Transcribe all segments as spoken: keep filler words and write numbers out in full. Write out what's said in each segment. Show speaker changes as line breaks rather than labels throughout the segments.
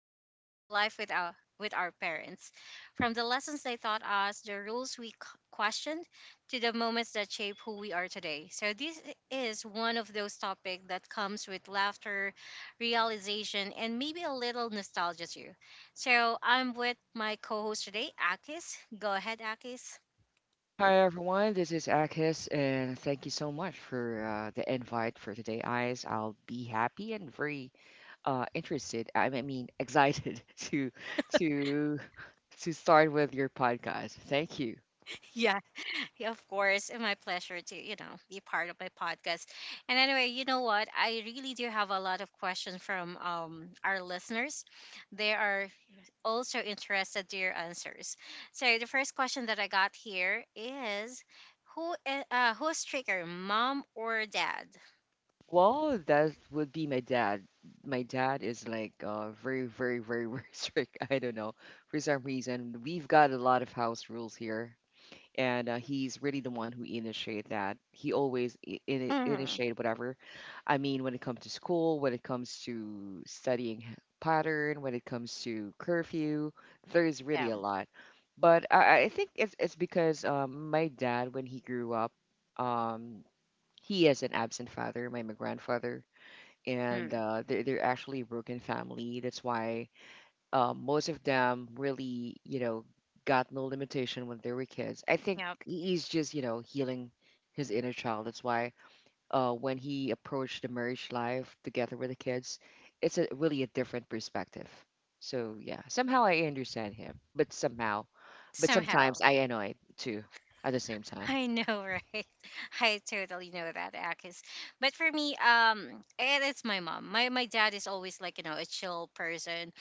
to home life with our, with our parents. From the lessons they taught us, the rules we q- questioned, to the moments that shape who we are today. So, this is one of those topics that comes with laughter, realization, and maybe a little nostalgia too. So, I'm with my co host today, Akis. Go ahead, Akis.
Hi everyone, this is Akis, and thank you so much for uh, the invite for today, guys. I'll be happy and very uh, interested. I mean, I mean, excited to to to start with your podcast. Thank you.
Yeah. Yeah, of course, and my pleasure to, you know, be part of my podcast. And anyway, you know what? I really do have a lot of questions from um, our listeners. They are also interested to your answers. So the first question that I got here is, who i- uh, who's trigger, mom or dad?
Well, that would be my dad. My dad is like uh, very, very, very, very strict. I don't know for some reason. We've got a lot of house rules here and uh, he's really the one who initiated that. He always i- ini
Mm-hmm.
initiated whatever. I mean, when it comes to school, when it comes to studying h- pattern, when it comes to curfew, there's really
Yeah.
a lot. But I, I think it's it's because um, my dad, when he grew up, um, he is an absent father, my, my grandfather, and
Mm,
uh, they're they're actually a broken family. That's why uh, most of them really, you know, got no limitation when they were kids. I think
yep.
he's just, you know, healing his inner child. That's why uh, when he approached the marriage life together with the kids, it's a really a different perspective. So yeah, somehow I understand him, but somehow, but
Somehow.
sometimes I annoy too at the same time.
I know, right? I totally know that, Akis. But for me, um, it is my mom. My my dad is always like, you know, a chill person.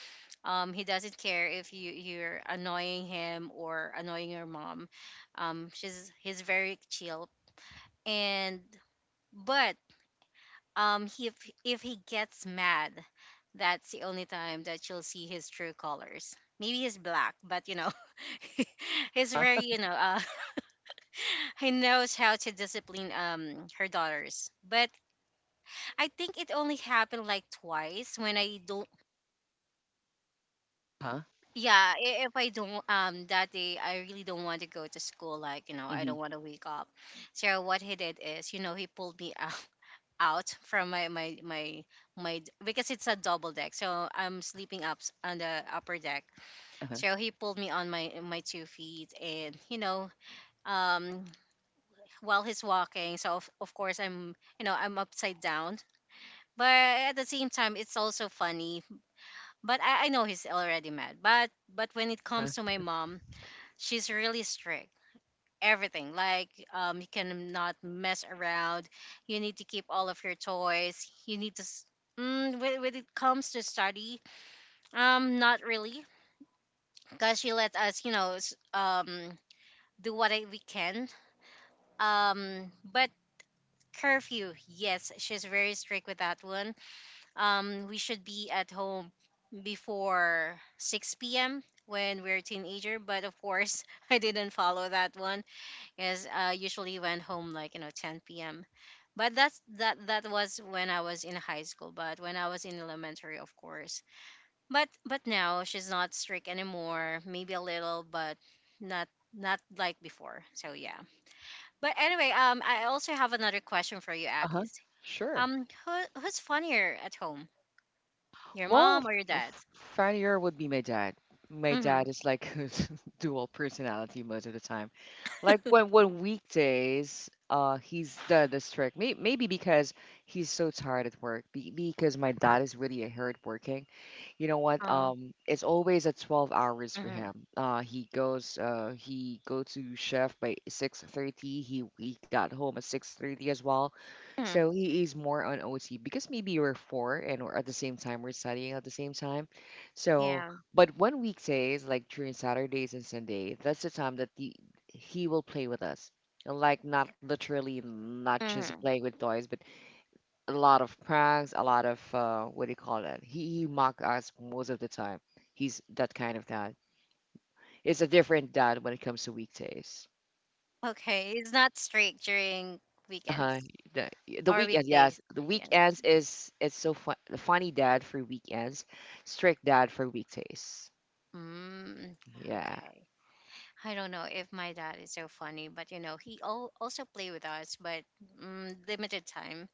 Um, he doesn't care if you you're annoying him or annoying your mom. Um, she's he's very chill. And but um, he, if if he gets mad, that's the only time that you'll see his true colors. Maybe he's black, but, you know, he's very, you know, uh, he knows how to discipline um her daughters. But I think it only happened like twice when I don't
Huh?
yeah, i- if I don't um that day I really don't want to go to school, like, you know, I
Mm-hmm.
don't want to wake up. So what he did is, you know, he pulled me out out from my my my my d- because it's a double deck, so I'm sleeping up s- on the upper deck,
Uh-huh.
so he pulled me on my my two feet and, you know, um, while he's walking, so of, of course I'm, you know, I'm upside down, but at the same time it's also funny. But I, I know he's already mad, but but when it
Huh?
comes to my mom, she's really strict, everything, like, um, you cannot mess around, you need to keep all of your toys, you need to s- Mm, when, when it comes to study, um, not really, because she let us, you know, s- um, do what I- we can. Um, but curfew, yes, she's very strict with that one. Um, we should be at home before six p m when we're a teenager. But of course, I didn't follow that one. As I usually went home like, you know, ten p m. But that's that that was when I was in high school. But when I was in elementary, of course. But but now she's not strict anymore. Maybe a little, but not not like before. So yeah. But anyway, um, I also have another question for you,
Uh huh.
Akis.
Sure.
Um, who who's funnier at home? Your
Well,
mom or your dad?
f- funnier would be my dad. My
Mm-hmm.
dad is like dual personality most of the time. Like when when weekdays, uh, he's the the strict. May, maybe because he's so tired at work. Be, because my dad is really a hard working. You know what?
Oh.
Um, it's always at twelve hours for
Mm-hmm.
him. Uh, he goes uh he go to chef by six thirty. He he got home at six thirty as well.
Hmm.
So he is more on O T because maybe we're four and we're at the same time we're studying at the same time. So,
Yeah.
but one weekdays like during Saturdays and Sunday, that's the time that the he will play with us. And, Like not literally, not just
Mm-hmm.
playing with toys, but a lot of pranks, a lot of uh, what do you call that? He, he mock us most of the time. He's that kind of dad. It's a different dad when it comes to weekdays.
Okay. It's not strict during
Uh-huh.
weekends
The, the
or
weekend,
weekdays.
yes. The
Yes.
weekends is it's so fun. The funny dad for weekends, strict dad for weekdays.
Mm,
Yeah.
okay. I don't know if my dad is so funny, but, you know, he al- also play with us, but mm, limited time,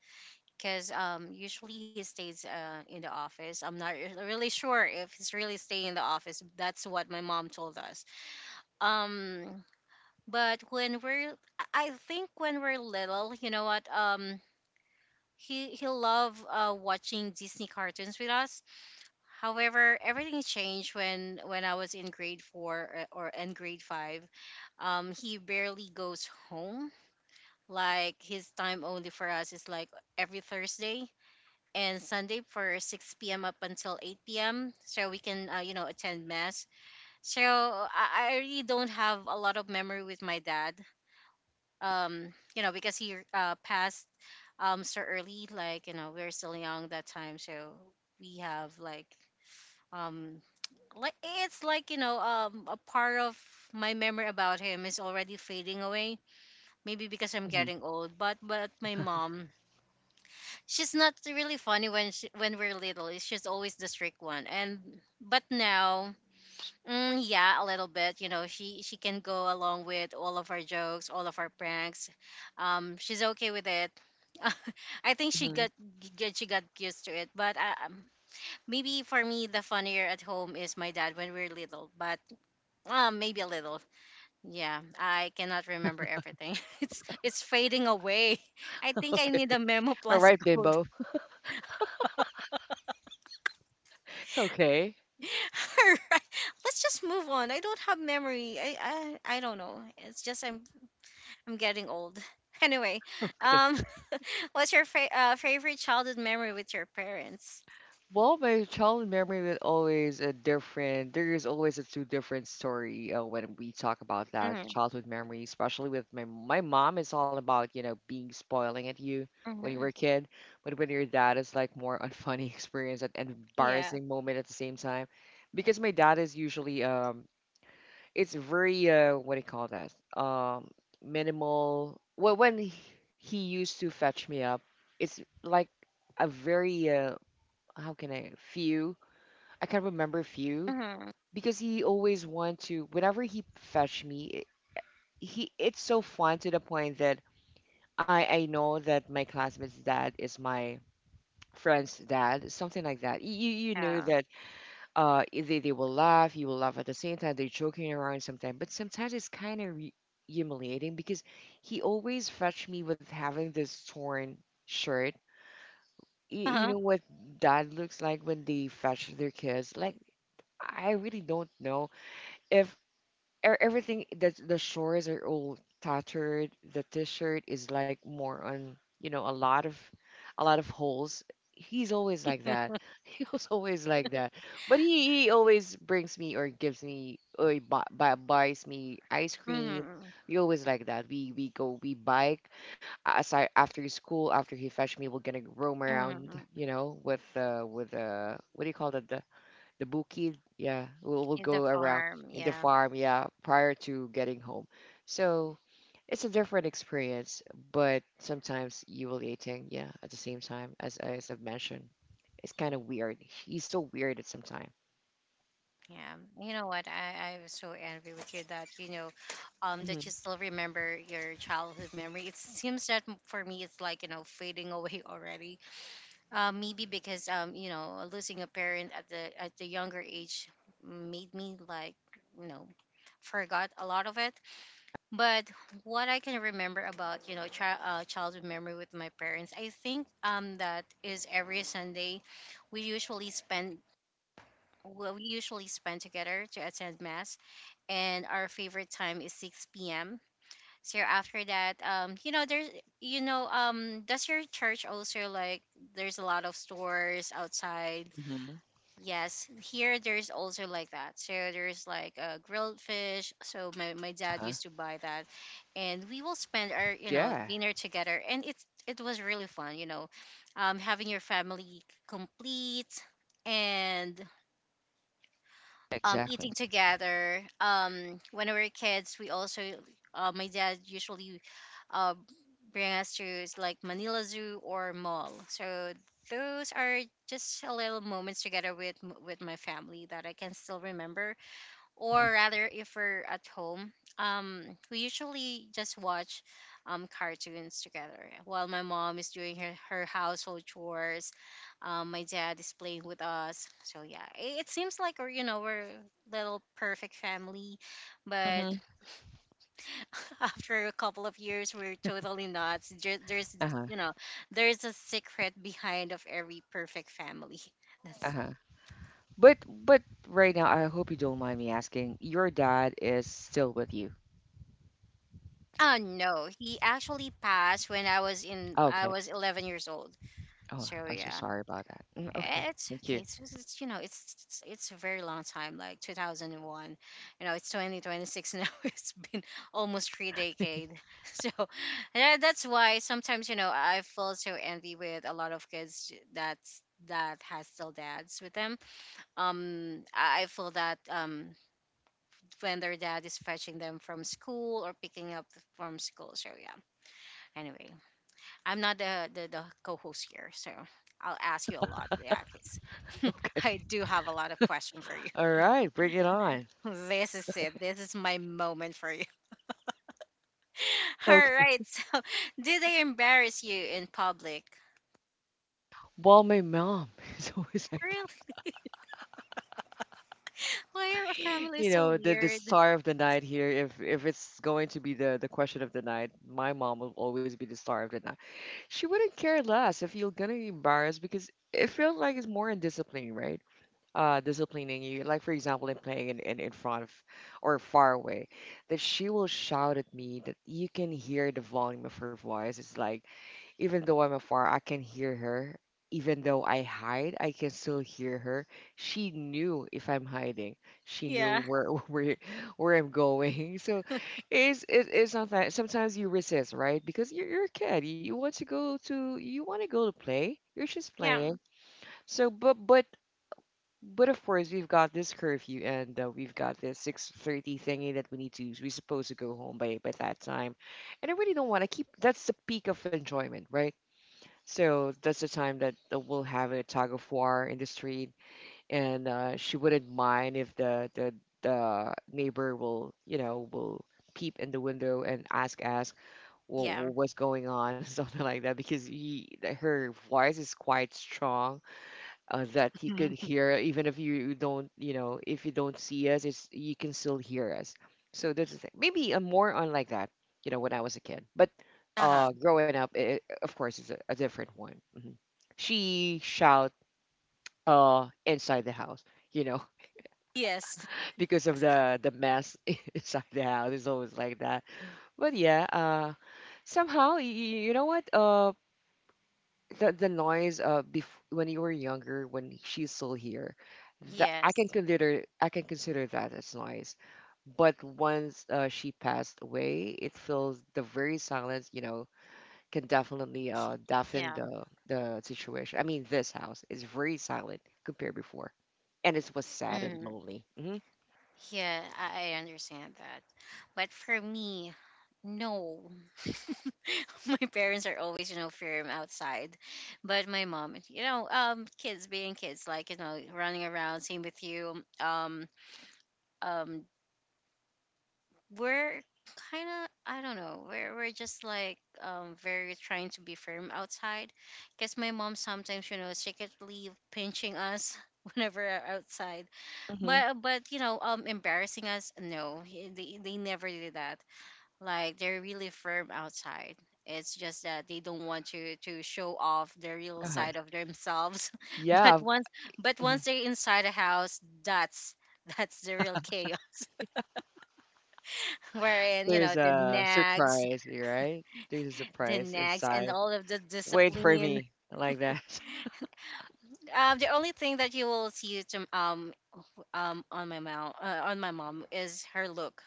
because um usually he stays uh, in the office. I'm not re- really sure if he's really staying in the office. That's what my mom told us. Um, But when we're, I I think when we're little, you know what? Um, he he loved uh, watching Disney cartoons with us. However, everything changed when when I was in grade four, or, or in grade five. Um, he barely goes home. Like his time only for us is like every Thursday and Sunday for six p m up until eight p m so we can uh, you know, attend mass. So I, I really don't have a lot of memory with my dad um, you know, because he uh passed um so early, like, you know, we are still young that time, so we have like um like it's like, you know, um a part of my memory about him is already fading away, maybe because I'm
Hmm.
getting old. but but my mom, she's not really funny when she, when we're little she's always the strict one. And but now mm, yeah, a little bit. You know, she she can go along with all of our jokes, all of our pranks. Um, she's okay with it. I think she
Hmm.
got get she got used to it. But uh, um, maybe for me, the funnier at home is my dad when we're little. But um, maybe a little. Yeah, I cannot remember everything. It's it's fading away. I think I
Okay.
need a memo
All
plus
right,
gold.
Bimbo. Okay.
All right, let's just move on. I don't have memory. I I, I don't know. It's just I'm I'm getting old. Anyway, um, what's your fa- uh, favorite childhood memory with your parents?
Well, my childhood memory was always a different. There is always a two different story uh, when we talk about that
Mm,
childhood memory, especially with my my mom is all about you know being spoiling at you when you were a
hmm.
kid, but when your dad is like more unfunny experience and and
Yeah.
embarrassing moment at the same time, because my dad is usually um it's very uh what do you call that um minimal. Well, when he, he used to fetch me up, it's like a very uh, how can I few? I can't remember few
Hmm.
because he always want to whenever he fetch me. He it's so fun to the point that I I know that my classmate's dad is my friend's dad, something like that. You you you know
Yeah.
that uh they they will laugh, you will laugh at the same time. They're joking around sometimes, but sometimes it's kind of re- humiliating because he always fetch me with having this torn shirt. You, you
Uh-huh.
know what dad looks like when they fetch their kids like I really don't know if e- everything that the shorts are all tattered. The t-shirt is like more on, you know, a lot of, a lot of holes. He's always like that. He was always like that. But he, he always brings me or gives me or he bu- bu- buys me ice cream.
Mm-hmm.
We always like that. We we go we bike. uh, Aside after school, after he fetch me, we're gonna roam around.
Mm-hmm.
You know, with uh with uh what do you call that? The bukid, yeah, will will
In the
go around
farm.
in the
Yeah.
farm, yeah, prior to getting home. So it's a different experience, but sometimes you will eating, yeah, at the same time as as I've mentioned. It's kind of weird. He's so weird at some time.
Yeah. You know what? I I was so envy with you that, you know, um, that you
Hmm.
still remember your childhood memory.
That's
It
only a
seems
once
that
in the
m-
blue
for me, it's
moon
like, you
because
know,
my
fading
dad is
away
really
already.
uh the only
Uh,
time that
maybe
he c-
because um, you know, losing
he's
a
working.
parent at the at the younger age made me like, you know, forgot a lot of it. But what I can remember about, you know, chi- uh, childhood memory with my parents, I think um that is every Sunday, we usually spend, well, we usually spend together to attend mass, and our favorite time is six p.m, so after that, um, you know, there's, you know, um, does your church also like there's a lot of stores outside?
Hmm.
Yes, here there's also like that. So there's like uh, grilled fish. So my, my dad
Uh-huh.
used to buy that, and we will spend our, you know,
Yeah.
dinner together, and it it was really fun. You know, um, having your family complete and um, eating
Exactly.
together. Um, when we were kids, we also uh, my dad usually uh, bring us to is like Manila Zoo or mall. So those are just a little moments together with m- with my family that I can still remember, or rather if we're at home um we usually just watch um cartoons together while my mom is doing her, her household chores, um my dad is playing with us. So yeah, it, it seems like we're, you know, we're little perfect family. But
Mm-hmm.
after a couple of years we're totally not. There- there's,
Uh-huh.
you know, there's a secret behind of every perfect family. That's
Uh-huh. But but right now, I hope you don't mind me asking. Your dad is still with you.
uh no, he actually passed when I was in I
Okay.
was eleven years old.
Oh,
So
I'm so
yeah,
sorry about that. Mm, okay.
eh, it's
Thank
okay.
you.
It's, it's it's, you know, it's, it's it's a very long time, like two thousand one. You know, it's twenty twenty-six now. It's been almost three decade. So and that's why sometimes, you know, I feel so envy with a lot of kids that's that has still dads with them. Um, I I feel that um when their dad is fetching them from school or picking up from school. So yeah. Anyway, I'm not the, the, the co-host here, so I'll ask you a lot. Yeah, because I
Okay.
do have a lot of questions for you.
All right. Bring it on.
This is it. This is my moment for you. All
Okay.
right. So, did they embarrass you in public?
Well, my mom is always like
Really?
that.
Why are our family
You
so
know, the the
weird?
star of the night here. If if it's going to be the the question of the night, my mom will always be the star of the night. She wouldn't care less if you're gonna embarrass because it feels like it's more in discipline, right? Uh, disciplining you, like for example, in playing in, in, in front of or far away, that she will shout at me that you can hear the volume of her voice. It's like, even though I'm afar, I can hear her. Even though I hide, I can still hear her. She knew if I'm hiding. She knew
Yeah.
where where where I'm going. So it's it's, it's not that sometimes you resist, right? Because you're, you're a kid. You want to go to you want to go to play. You're just
Yeah.
playing. So but but but of course, we've got this curfew and uh, we've got this six thirty thingy that we need to we're supposed to go home by by that time. And I really don't want to keep that's the peak of enjoyment, right? So that's the time that uh, we'll have a tug of war in the street, and uh, she wouldn't mind if the the the neighbor will you know will peep in the window and ask ask well,
Yeah.
what's going on something like that because he her voice is quite strong uh, that you could hear even if you don't you know if you don't see us it's you can still hear us. So that's the thing maybe I'm more on like that you know when I was a kid, but
Uh-huh.
uh growing up it, of course it's a, a different one. Hmm. She shout uh inside the house, you know,
Yes.
because of the the mess inside the house. It's always like that, but yeah uh somehow y- you know what uh the the noise uh bef- when you were younger when she's still here, that i can
Yes.
consider I can consider that as noise, but once uh, she passed away it feels the very silence you know can definitely uh deafen
Yeah.
the the situation. I mean this house is very silent compared before, and it was sad and
Mm.
lonely. Hmm.
Yeah. I, I understand that. But for me, no. My parents are always, you know, firm outside, but my mom, you know, um kids being kids, like, you know, running around, same with you, um um we're kind of, I don't know, we're, we're just like um very trying to be firm outside, because my mom sometimes, you know, secretly pinching us whenever we're outside.
Hmm.
but but you know, um embarrassing us, no, he- they, they never did that, like they're really firm outside. It's just that they don't want to to show off the real
Uh-huh.
side of themselves. But
Yeah.
once but once
Mhm.
they're inside a house, that's that's the real chaos. Wherein, you know,
There's
the
a
nags,
surprise, right? There's a
the
surprise
nags and
inside
all of the
wait for
discipline.
me like that.
Um the only thing that you will see to um um on my mom uh, on my mom is her look.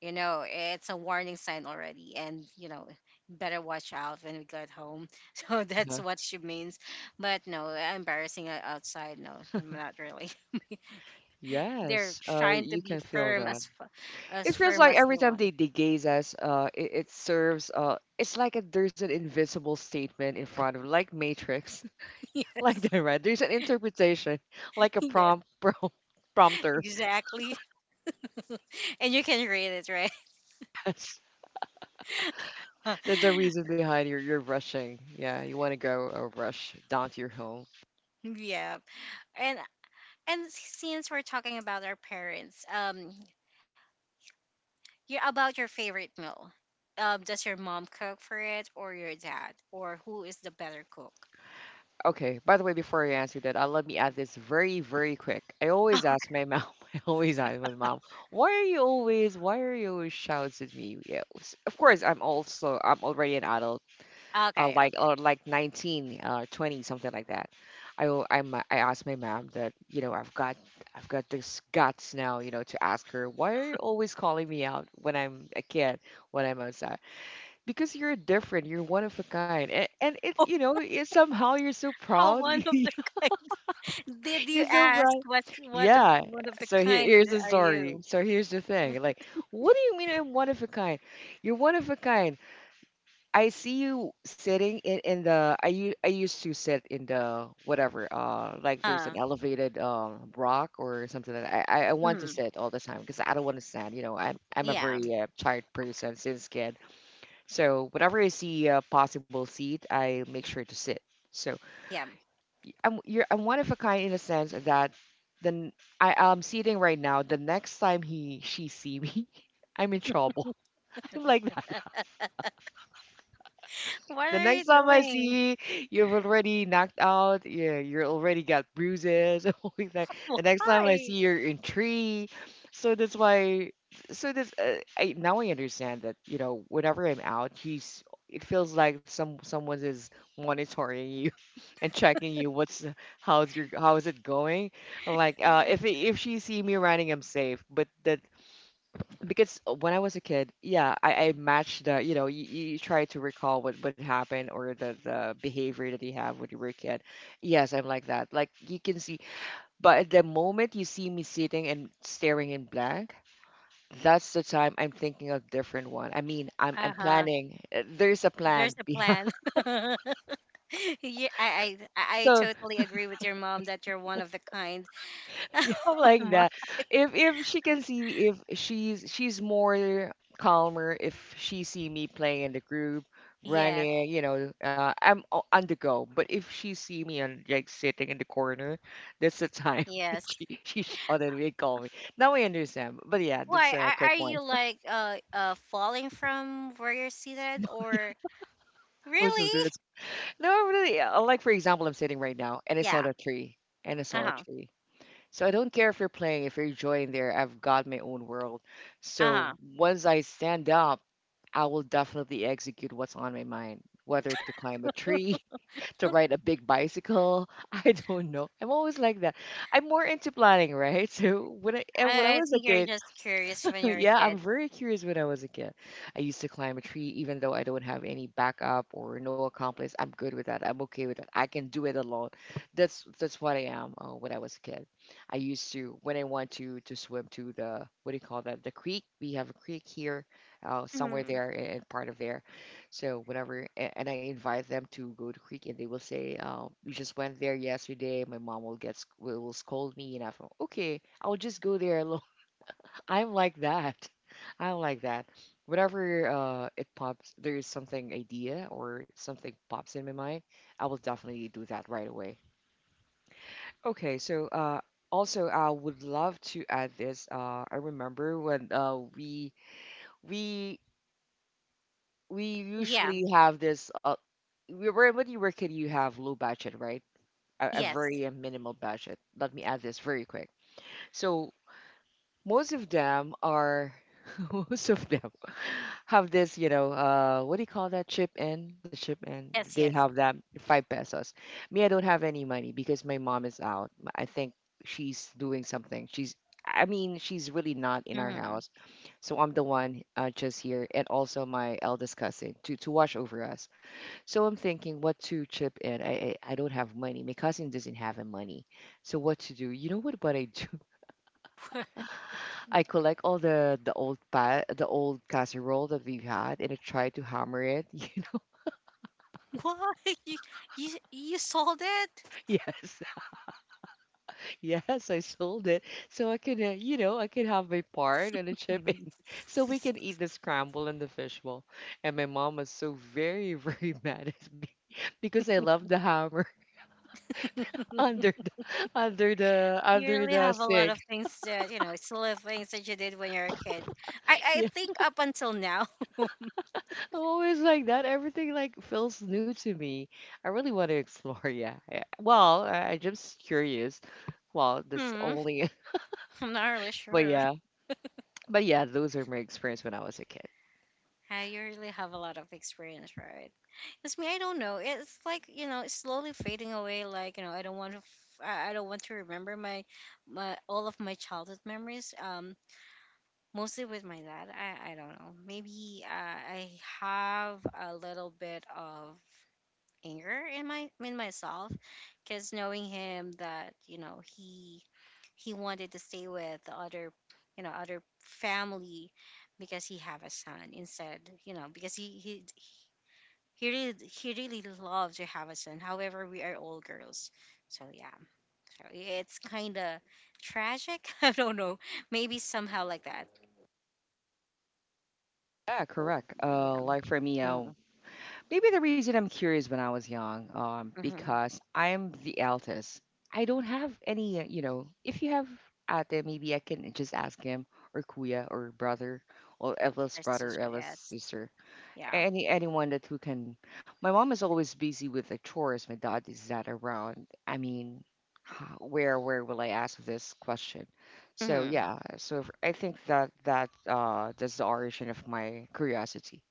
You know, it's a warning sign already, and you know, better watch out when we get home. So that's what she means. But no, embarrassing o- outside. No, I'm not really. They're
Yes, uh,
trying to
you
be
can feel
firm
that.
as f-
It
as
feels
firm
like
as
every
they
time they,
want.
they gaze us, uh, it, it serves, uh, it's like a, there's an invisible statement in front of, like Matrix, like
Yes,
that, right? There's an interpretation, like a
yes,
prompt, prompt prompter.
exactly. And you can read it, right?
That's, that's the reason behind your, your rushing. Yeah, you want to go uh, rush down to your home.
Yeah. And and since we're talking about our parents, um, you about your favorite meal. Um, does your mom cook for it or your dad? Or who is the better cook?
Okay. By the way, before I answer that, uh, let me add this very, very quick. I always ask my mom. I always ask my mom, why are you always, why are you always shouts at me? Yeah, s- of course, I'm also, I'm already an adult, uh,
Okay,
like or
okay.
like nineteen, uh, twenty, something like that. I, al- I'm, uh, I asked my mom that, you know, I've got, I've got this guts now, you know, to ask her, why are you always calling me out when I'm a kid, when I'm outside? Because you're different, you're one of a kind, and, and it you know it, somehow you're so
How
proud
one of
you're
the kind? Did you
so
ask
proud.
what what of
Yeah.
one of the
So here,
kind
here's the
are
story,
you?
so here's the thing, like what do you mean I'm one of a kind? You're one of a kind. I see you sitting in, in the I, u- I used to sit in the whatever uh like there's an
Uh,
elevated um rock or something like that. i i I want to
mhm.
sit all the time because I don't want to stand, you know, i'm I'm a
yeah,
very uh, tired person since kid. So whenever I see a possible seat, I make sure to sit. So
yeah.
y- I'm you're I'm one of a kind in a sense that then I am sitting right now. The next time he she see me, I'm in trouble. I'm like
What
the
are
next
you
time I
doing?
see you, you've already knocked out. Yeah, you're already got bruises. and all like that. The next time I see
Why?
you're in tree. So that's why. So this, uh, I now I understand that you know whenever I'm out, he's. It feels like some someone is monitoring you and checking you. What's how's your how is it going? I'm like, uh, if it, if she see me running, I'm safe. But that because uh, when I was a kid, yeah, I, I matched the, you know, you, you try to recall what would happen or the, the behavior that you have when you were a kid. Yes, I'm like that. Like you can see, but the moment you see me sitting and staring in blank, that's the time I'm thinking of different one. I mean, I'm
Uh
I'm
huh.
planning. uh, There's a plan
There's a
behind.
plan. yeah, I, I I I
So.
totally agree with your mom that you're one of the kind.
Yeah, like that. If if she can see me, if she's she's more calmer if she see me playing in the group,
Yes,
running, you know, uh, I'm o- on the go. But if she see me on like sitting in the corner, that's the time that
yes.
she she shouted me and called me. Now I understand. But yeah, that's
Why
a
are,
quick
are
one.
you like uh uh falling from where you're seated or
Also,
really?
that's no, really. uh, Like for example, I'm sitting right now and I
Yeah.
saw the tree and I
Uh
saw a
huh.
tree. So I don't care if you're playing, if you're enjoying there, I've got my own world.
Uh
So
huh.
once I stand up, I will definitely execute what's on my mind, whether to climb a tree, to ride a big bicycle. I don't know. I'm always like that. I'm more into planning, right? So when I and when I
I, I
was a
think you're
kid.
just curious when you're a
Yeah, I'm
kid.
very curious when I was a kid. I used to climb a tree even though I don't have any backup or no accomplice. I'm good with that. I'm okay with that. I can do it alone. That's that's what I am uh, when I was a kid. I used to when I want to to swim to the what do you call that? The creek. We have a creek here, uh, somewhere
Hmm.
there in part of there. So whenever a- and I invite them to go to creek and they will say, um, "You just went there yesterday. My mom will get sc- will will scold me." And I'm okay. I'll just go there alone. I'm like that. I'm like that. Whenever uh, it pops, there is something idea or something pops in my mind, I will definitely do that right away. Okay, so uh, also I would love to add this. Uh, I remember when uh, we we we
Yeah.
usually have this. Uh, we were when you were kid, you have low budget, right? A, a
Yes.
very uh, minimal budget. Let me add this very quick. So most of them are most of them have this you know uh what do you call that chip in the chip in
Yes.
they
Yes.
have that five pesos. Me, I don't have any money because my mom is out. I think she's doing something. She's I mean she's really not in our
Hmm.
house. So I'm the one uh, just here and also my eldest cousin to to watch over us. So I'm thinking what to chip in. i i, I don't have money. My cousin doesn't have a money. So what to do? You know what what I do? I collect all the the old pot, the old casserole that we've had, and I try to hammer it. You know,
What you, you you sold it?
yes, yes, I sold it, so I can, uh, you know, I can have my part and a chip,
Mhm.
so we can eat the scramble and the fishbowl. And my mom was so very, very mad at me because I love the hammer under the under the
You
under
really
the
have a lot
sink.
of things that you know, silly things that you did when you're a kid. I I
Yeah,
think up until now.
I'm always like that. Everything like feels new to me. I really want to explore. Yeah, yeah. Well, I, I'm just curious. Well, this
Hmm,
only,
I'm not really
but
sure.
yeah, but yeah, those are my experience when I was a kid.
Uh, you really have a lot of experience, right? It's me. I don't know. It's like you know, it's slowly fading away. Like you know, I don't want to. F- I I don't want to remember my, my all of my childhood memories. Um, mostly with my dad. I I don't know. Maybe uh, I have a little bit of anger in my in myself, because knowing him that you know he he wanted to stay with the other you know other family because he have a son instead, you know, because he he he really he really loved to have a son. However, we are all girls, so yeah. So it's kind of tragic. I don't know, maybe somehow like that.
Yeah, correct. Uh,
Yeah.
like for me, uh,
Mm-hmm.
maybe the reason I'm curious when I was young, um,
Mm-hmm.
because I'm the eldest. I don't have any, uh, you know, if you have out there, maybe I can just ask him or kuya or brother or
Her
eldest brother,
sister, yes.
eldest sister.
Yeah.
Any anyone that who can. My mom is always busy with the chores. My dad is not around. I mean, where where will I ask this question? So
Hmm.
yeah, so if- I think that that uh that's the origin of my curiosity.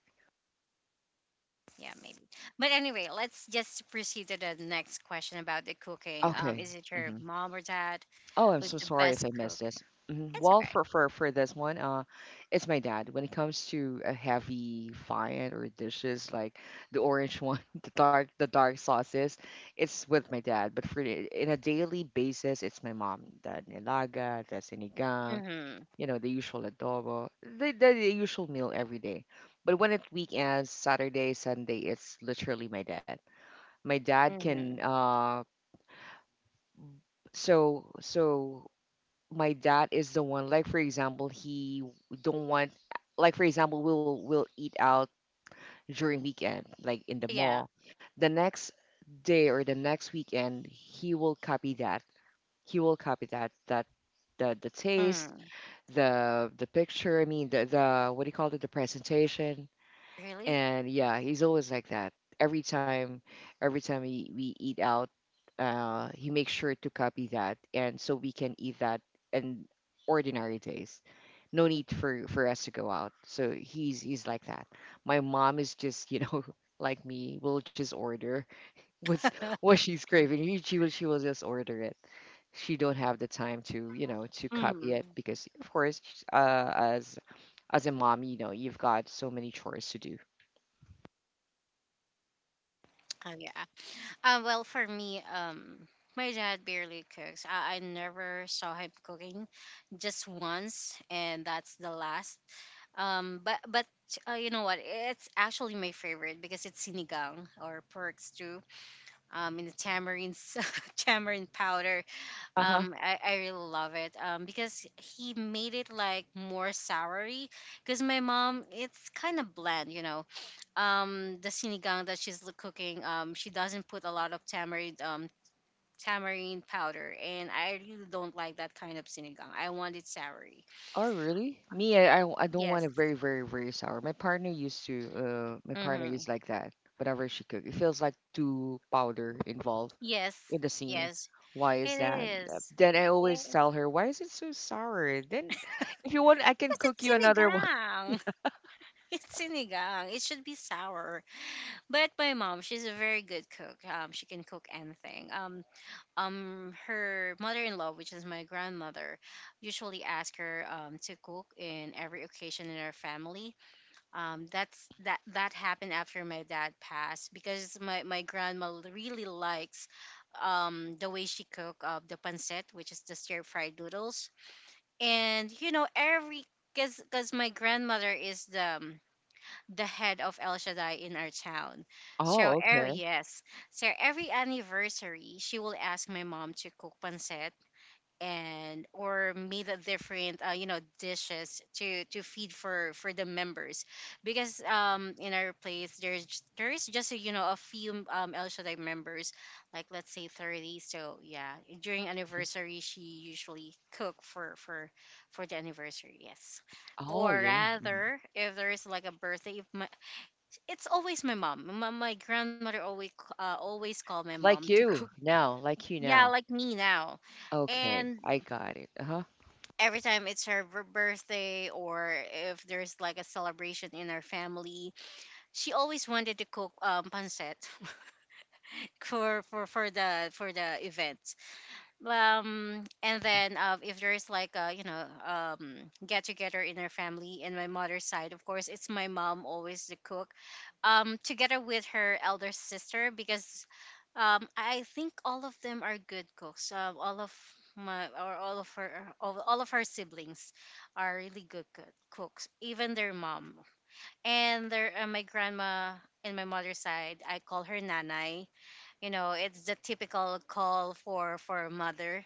Yeah, maybe. But anyway, let's just proceed to the next question about the cooking. Um, is
Okay.
it your mom or dad
Oh, I'm
who's
so
the
sorry if
best
I
cook?
missed this. Mhm.
It's
Well,
okay.
for, for for this one, uh, it's my dad. When it comes to a heavy fine or dishes like the orange one, the dark the dark sauces, it's with my dad. But for the- in a daily basis, it's my mom. The nilaga, the sinigang,
Mm-hmm.
you know, the usual adobo, the, the the usual meal every day. But when it's weekends, Saturday, Sunday, it's literally my dad. My dad can
Mm-hmm.
uh so so my dad is the one. Like for example he don't want, like for example we'll we'll eat out during weekend like in the
Yeah.
mall, the next day or the next weekend he will copy that. He will copy that that the the taste,
Mm.
the the picture, I mean the the what do you call it, the presentation.
Really?
And yeah, he's always like that. Every time, every time we, we eat out, uh, he makes sure to copy that, and so we can eat that in ordinary days. No need for for us to go out. So he's he's like that. My mom is just you know like me, will just order what's what she's craving. He- She will she will just order it. She don't have the time to you know to copy it
Mm.
because of course uh, as as a mom you know you've got so many chores to do.
Oh yeah. Uh. Well, for me, um, my dad barely cooks. I, I never saw him cooking, just once, and that's the last. Um. But but uh, you know what? It's actually my favorite because it's sinigang or pork stew. Um. In the tamarins, tamarind powder. Um, I, I really love it. Um, because he made it like more soury. Because my mom, it's kind of bland, you know. Um, the sinigang that she's l- cooking, um, she doesn't put a lot of tamarind, um, tamarind powder, and I really don't like that kind of sinigang. I want it soury.
Oh, really? Me, I, I I, w- I don't want
Yes.
it very, very, very sour. My partner used to, uh, my partner
Mm-hmm.
is like that whenever she cook. It feels like too powder involved
Yes.
in the scene.
Yes.
Why
It
is that? Uh,
is.
Then I always
Eh,
tell her, why is it so sour? Then if you want, I can
Because it's
cook you another one.
sinigang. It's sinigang. It should be sour. But my mom, she's a very good cook. Um, she can cook anything. Um, um, her mother-in-law, which is my grandmother, usually ask her um, to cook in every occasion in our family. Um, that's that that happened after my dad passed because my my grandma really likes um the way she cook uh, the pancit, which is the stir fried noodles, and you know every, because because my grandmother is the um, the head of El Shaddai in our town. So,
Oh,
er,
okay.
yes. So every anniversary, she will ask my mom to cook pancit and or made a different uh, you know dishes to to feed for for the members, because um in our place there's j- there is just a, you know, a few um El Shaddai members, like let's say thirty. So yeah, during anniversary she usually cook for for for the anniversary, yes.
Oh,
Or
yeah. Mhm.
rather, if there is like a birthday of my, it's always my mom. My, my grandmother always uh, always called my mom
Like
to cook.
you now, like you
Yeah,
now.
like me now.
Okay,
And
I got it. Uh-huh.
every time it's her b- birthday or if there's like a celebration in our family, she always wanted to cook um pancit for for for the for the event. um and then uh, if there's like a you know um get together in our family and my mother's side, of course it's my mom always the cook, um together with her elder sister, because um I think all of them are good cooks. um all of my or all of her all, all of her siblings are really good cook- cooks, even their mom and their uh, my grandma. In my mother's side I call her nanai. You know, it's the typical call for for a mother.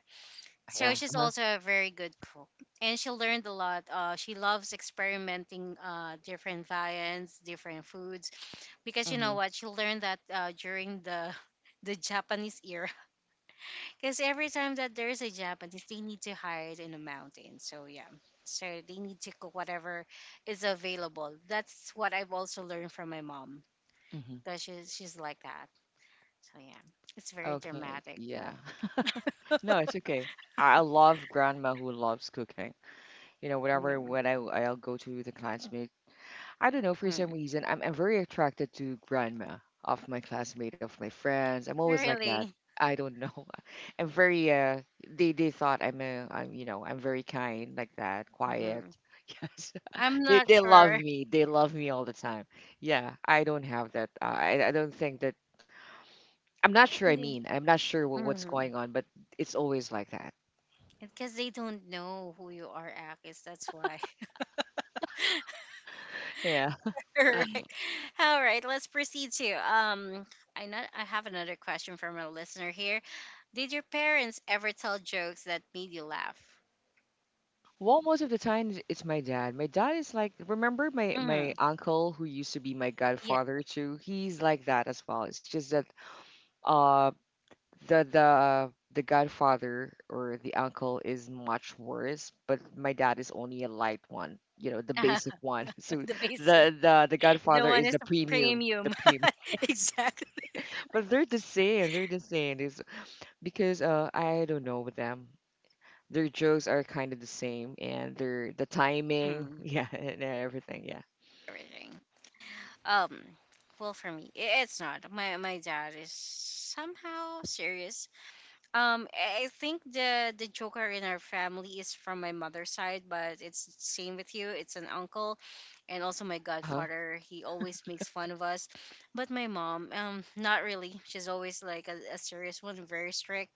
So
Yeah.
she's
Uh-huh.
also a very good cook, and she learned a lot. Uh, she loves experimenting uh, different viands, different foods, because you know
Mm-hmm.
what? She learned that uh, during the the Japanese era. Because every time that there is a Japanese, they need to hide in a mountain. So yeah, so they need to cook whatever is available. That's what I've also learned from my mom,
Mm-hmm.
because she's she's like that. So yeah, it's very
Okay.
dramatic.
Yeah. No, it's okay. I I love grandma who loves cooking. You know, whenever
Mm,
when I I'll go to the classmate, I don't know for some
mm.
reason I'm I'm very attracted to grandma of my classmate of my friends. I'm always like that.
Really.
I don't know. I'm very uh they they thought I'm a I'm you know I'm very kind like that, quiet.
Hmm.
Yes,
I'm
they
not
they love
sure.
me. They love me all the time. Yeah, I don't have that. Uh, I I don't think that. I'm not sure. I
Really?
mean, I'm not sure what, what's
Mm.
going on, but it's always like that.
Because they don't know who you are, Akis. That's why.
Yeah.
All right. All right. Let's proceed to um. I not. I have another question from a listener here. Did your parents ever tell jokes that made you laugh?
Well, most of the time it's it's my dad. My dad is like, remember my my
Mm.
uncle who used to be my
Yeah.
godfather too? He's like that as well. It's just that uh the the the godfather or the uncle is much worse, but my dad is only a light one, you know, the basic one. So
The basic.
the the the
The
godfather
one
is
is
the
the
premium, the
premium.
premium.
Exactly.
But they're the same, they're the same. It's because uh I don't know with them. Their jokes are kind of the same, and their the timing,
Mm.
yeah, and everything, yeah.
Everything. Um. Well, for me, i- it's not. My my dad is somehow serious. Um, I I think the the Joker in our family is from my mother's side, but it's same with you. It's an uncle, and also my
Uh-huh.
godfather. He always makes fun of us, but my mom, um, not really. She's always like a, a serious one, very strict.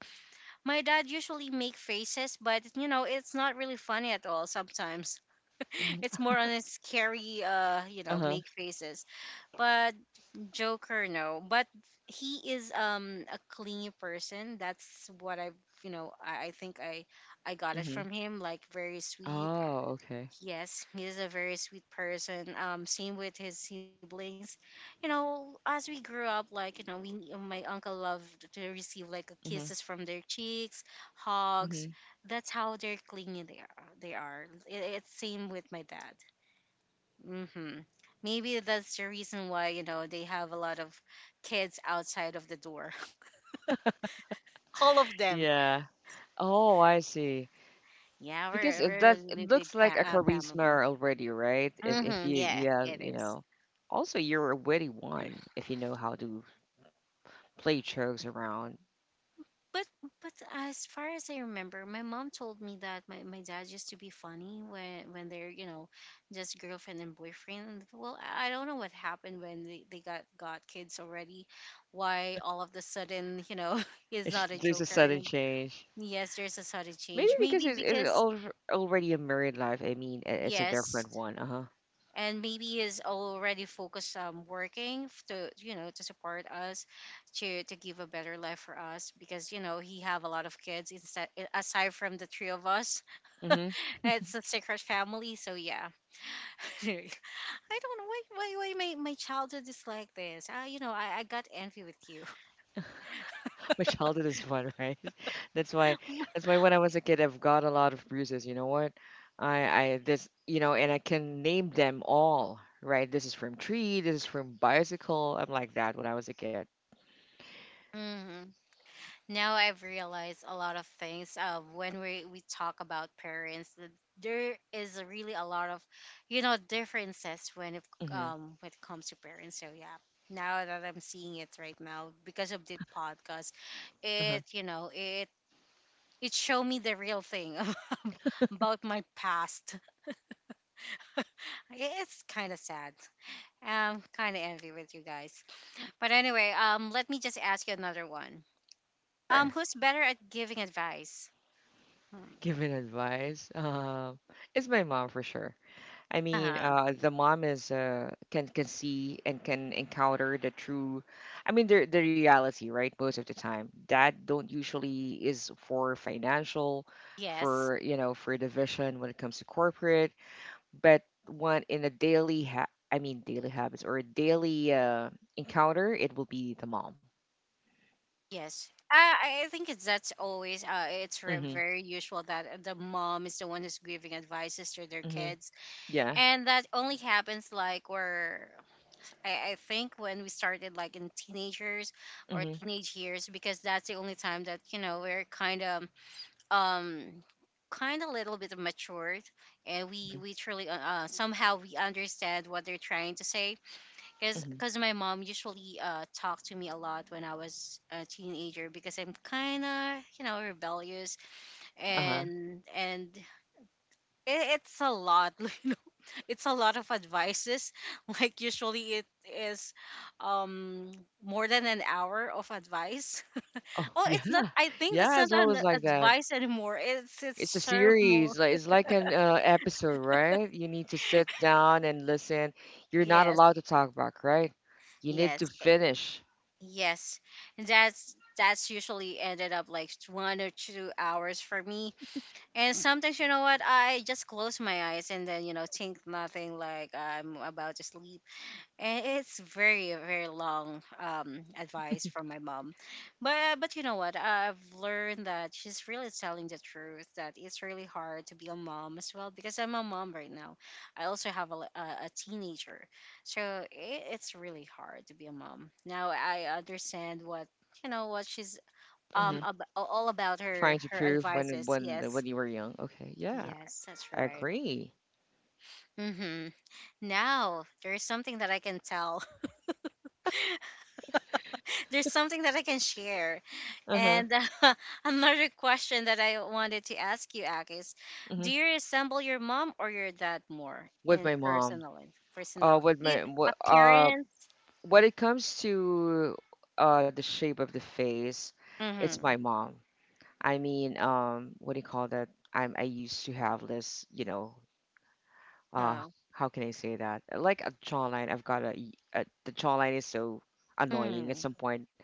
My dad usually make faces, but you know, it's not really funny at all sometimes.
Mhm.
It's more on a scary uh you know
Uh-huh.
make faces, but Joker, no. But he is um a clingy person. That's what I've, you know, I, I think I I got it
Hmm.
from him. Like very sweet.
Oh, okay.
Yes, he is a very sweet person. Um, same with his siblings. You know, as we grew up, like you know, we my uncle loved to receive like
Hmm.
kisses from their cheeks, hugs.
Hmm.
That's how they're clingy. They are. They are. It, it's same with my dad. Mm-hmm. Maybe that's the reason why, you know, they have a lot of kids outside of the door. All of them.
Yeah. Oh, I see.
Yeah,
Because
we're,
it
we're a
does it
really big
looks like
fa-
a
uh, family.
charisma already, right? If if
Mm-hmm.
you
Yeah,
you have,
it
you
is.
know. Also, you're a witty one if you know how to play jokes around.
But but as far as I remember, my mom told me that my, my dad used to be funny when when they're you know just girlfriend and boyfriend. And well, I I don't know what happened when they, they got got kids already. Why all of the sudden you know he's
It's,
not a
there's a
joker. And
sudden
then,
change.
yes, there's a sudden
Maybe
change.
because
Maybe
it's, it's
because,
al already a married life. I mean, it- it's a
yes,
different one. Uh-huh.
and maybe is already focused on working f- to you know to support us, to to give a better life for us, because you know he have a lot of kids instead, aside from the three of us. It's a secret family, so yeah. I don't know why why why my my childhood is like this. Uh, you know I I got envy with you.
My childhood is fun, right? That's why that's why when I was a kid I've got a lot of bruises. You know what? I I this you know, and I can name them all, right? This is from tree, this is from bicycle. I'm like that when I was a kid.
Hmm. Now I've realized a lot of things. Uh, when we we talk about parents, that there is really a lot of, you know, differences when it
Hmm.
um when it comes to parents. So yeah, now that I'm seeing it right now because of the podcast,
Uh-huh.
it you know it it showed me the real thing about my past. It's kind of sad. I'm kind of envy with you guys. But anyway, um, let me just ask you another one. Um,
Sure.
who's better at giving advice? Hmm.
Giving advice. Um, it's my mom for sure. I mean,
Uh-huh.
uh, the mom is uh, can can see and can encounter the true, I mean, the the reality, right? Most of the time, dad don't usually is for financial,
Yes.
for you know, for division when it comes to corporate, but one in a daily ha I mean, daily habits or daily uh, encounter, it will be the mom.
Yes. I, I think it's that's always uh it's re-
Mm-hmm.
very usual that the mom is the one who's giving advices to their
Mm-hmm.
kids,
Yeah.
and that only happens like where I, I think when we started like in teenagers or
Mm-hmm.
teenage years, because that's the only time that you know we're kind of um kind of little bit matured, and we we truly uh uh, somehow we understand what they're trying to say, because
Mm-hmm.
because my mom usually uh talked to me a lot when I was a teenager because I'm kind of you know rebellious.
Uh-huh.
and and it, it's a lot. You know, it's a lot of advices. Like usually it is um more than an hour of advice.
Oh,
Oh,
yeah.
it's not, I think that's
Yeah,
not
it's
an
always like that.
advice anymore, it's
It's a
it's sermon.
series, like it's like an uh, episode, right? You need to sit down and listen. You're not
Yes.
allowed to talk back, right? You need to
yes eh,
finish.
yes. And that's that's usually ended up like t- one or two hours for me. And sometimes, you know what, I just close my eyes and then, you know, think nothing like I'm about to sleep. And it's very, very long um, advice from my mom. But, but you know what, I've learned that she's really telling the truth, that it's really hard to be a mom as well because I'm a mom right now. I also have a, li- a, a teenager. So it, it's really hard to be a mom. Now I understand what, you know, what she's
Hmm.
um ab- all about her
Trying to
her
prove when
advices.
when
Yes.
when you were young. Okay, yeah,
Yes, that's
I
right.
agree.
Hmm. Now, there's something that I can tell. There's something that I can share.
Uh huh.
And uh, another question that I wanted to ask you, Ak, is
Hmm.
do you resemble your mom or your dad more
With
in
my mom.
personality?
Uh,
Personality,
with
you-
my what uh
appearance?
when it comes to uh the shape of the face, it's my
Mm-hmm.
mom. I mean, um, what do you call that? I'm I used to have this, you know, uh
Oh.
how can I say that? Like a jawline, I've got a, y- a- the jawline is so annoying at
Mm,
some point.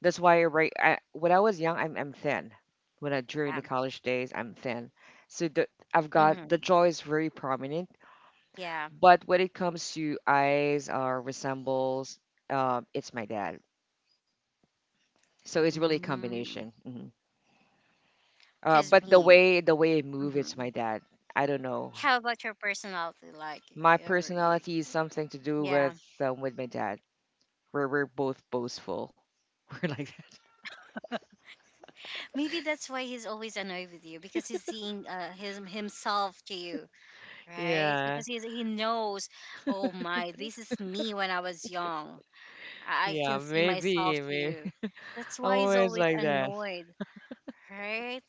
That's why, right, I, when I was young, I'm I'm thin. When I During
yeah.
the college days, I'm thin. So the I've got the
Mm-hmm.
jaw is very prominent,
Yeah.
but when it comes to eyes or resembles, uh, it's my dad. So it's really a
Mm.
combination. Hmm. Uh,
Cause
but the
me.
way the way I move, it's
Mm-hmm.
my dad. I don't know.
How about your personality? Like,
My
your, you,
personality is something to do
yeah.
with um, with my dad. Where we're both boastful. We're like that.
Maybe that's why he's always annoyed with you because he's seeing uh, his himself to you, right?
Yeah.
Because he's, he knows, oh my, this is me when I was young. I, I
Yeah,
can see
maybe,
myself to
maybe.
you. That's
I'm
why he's
always
always
like that.
annoyed, right?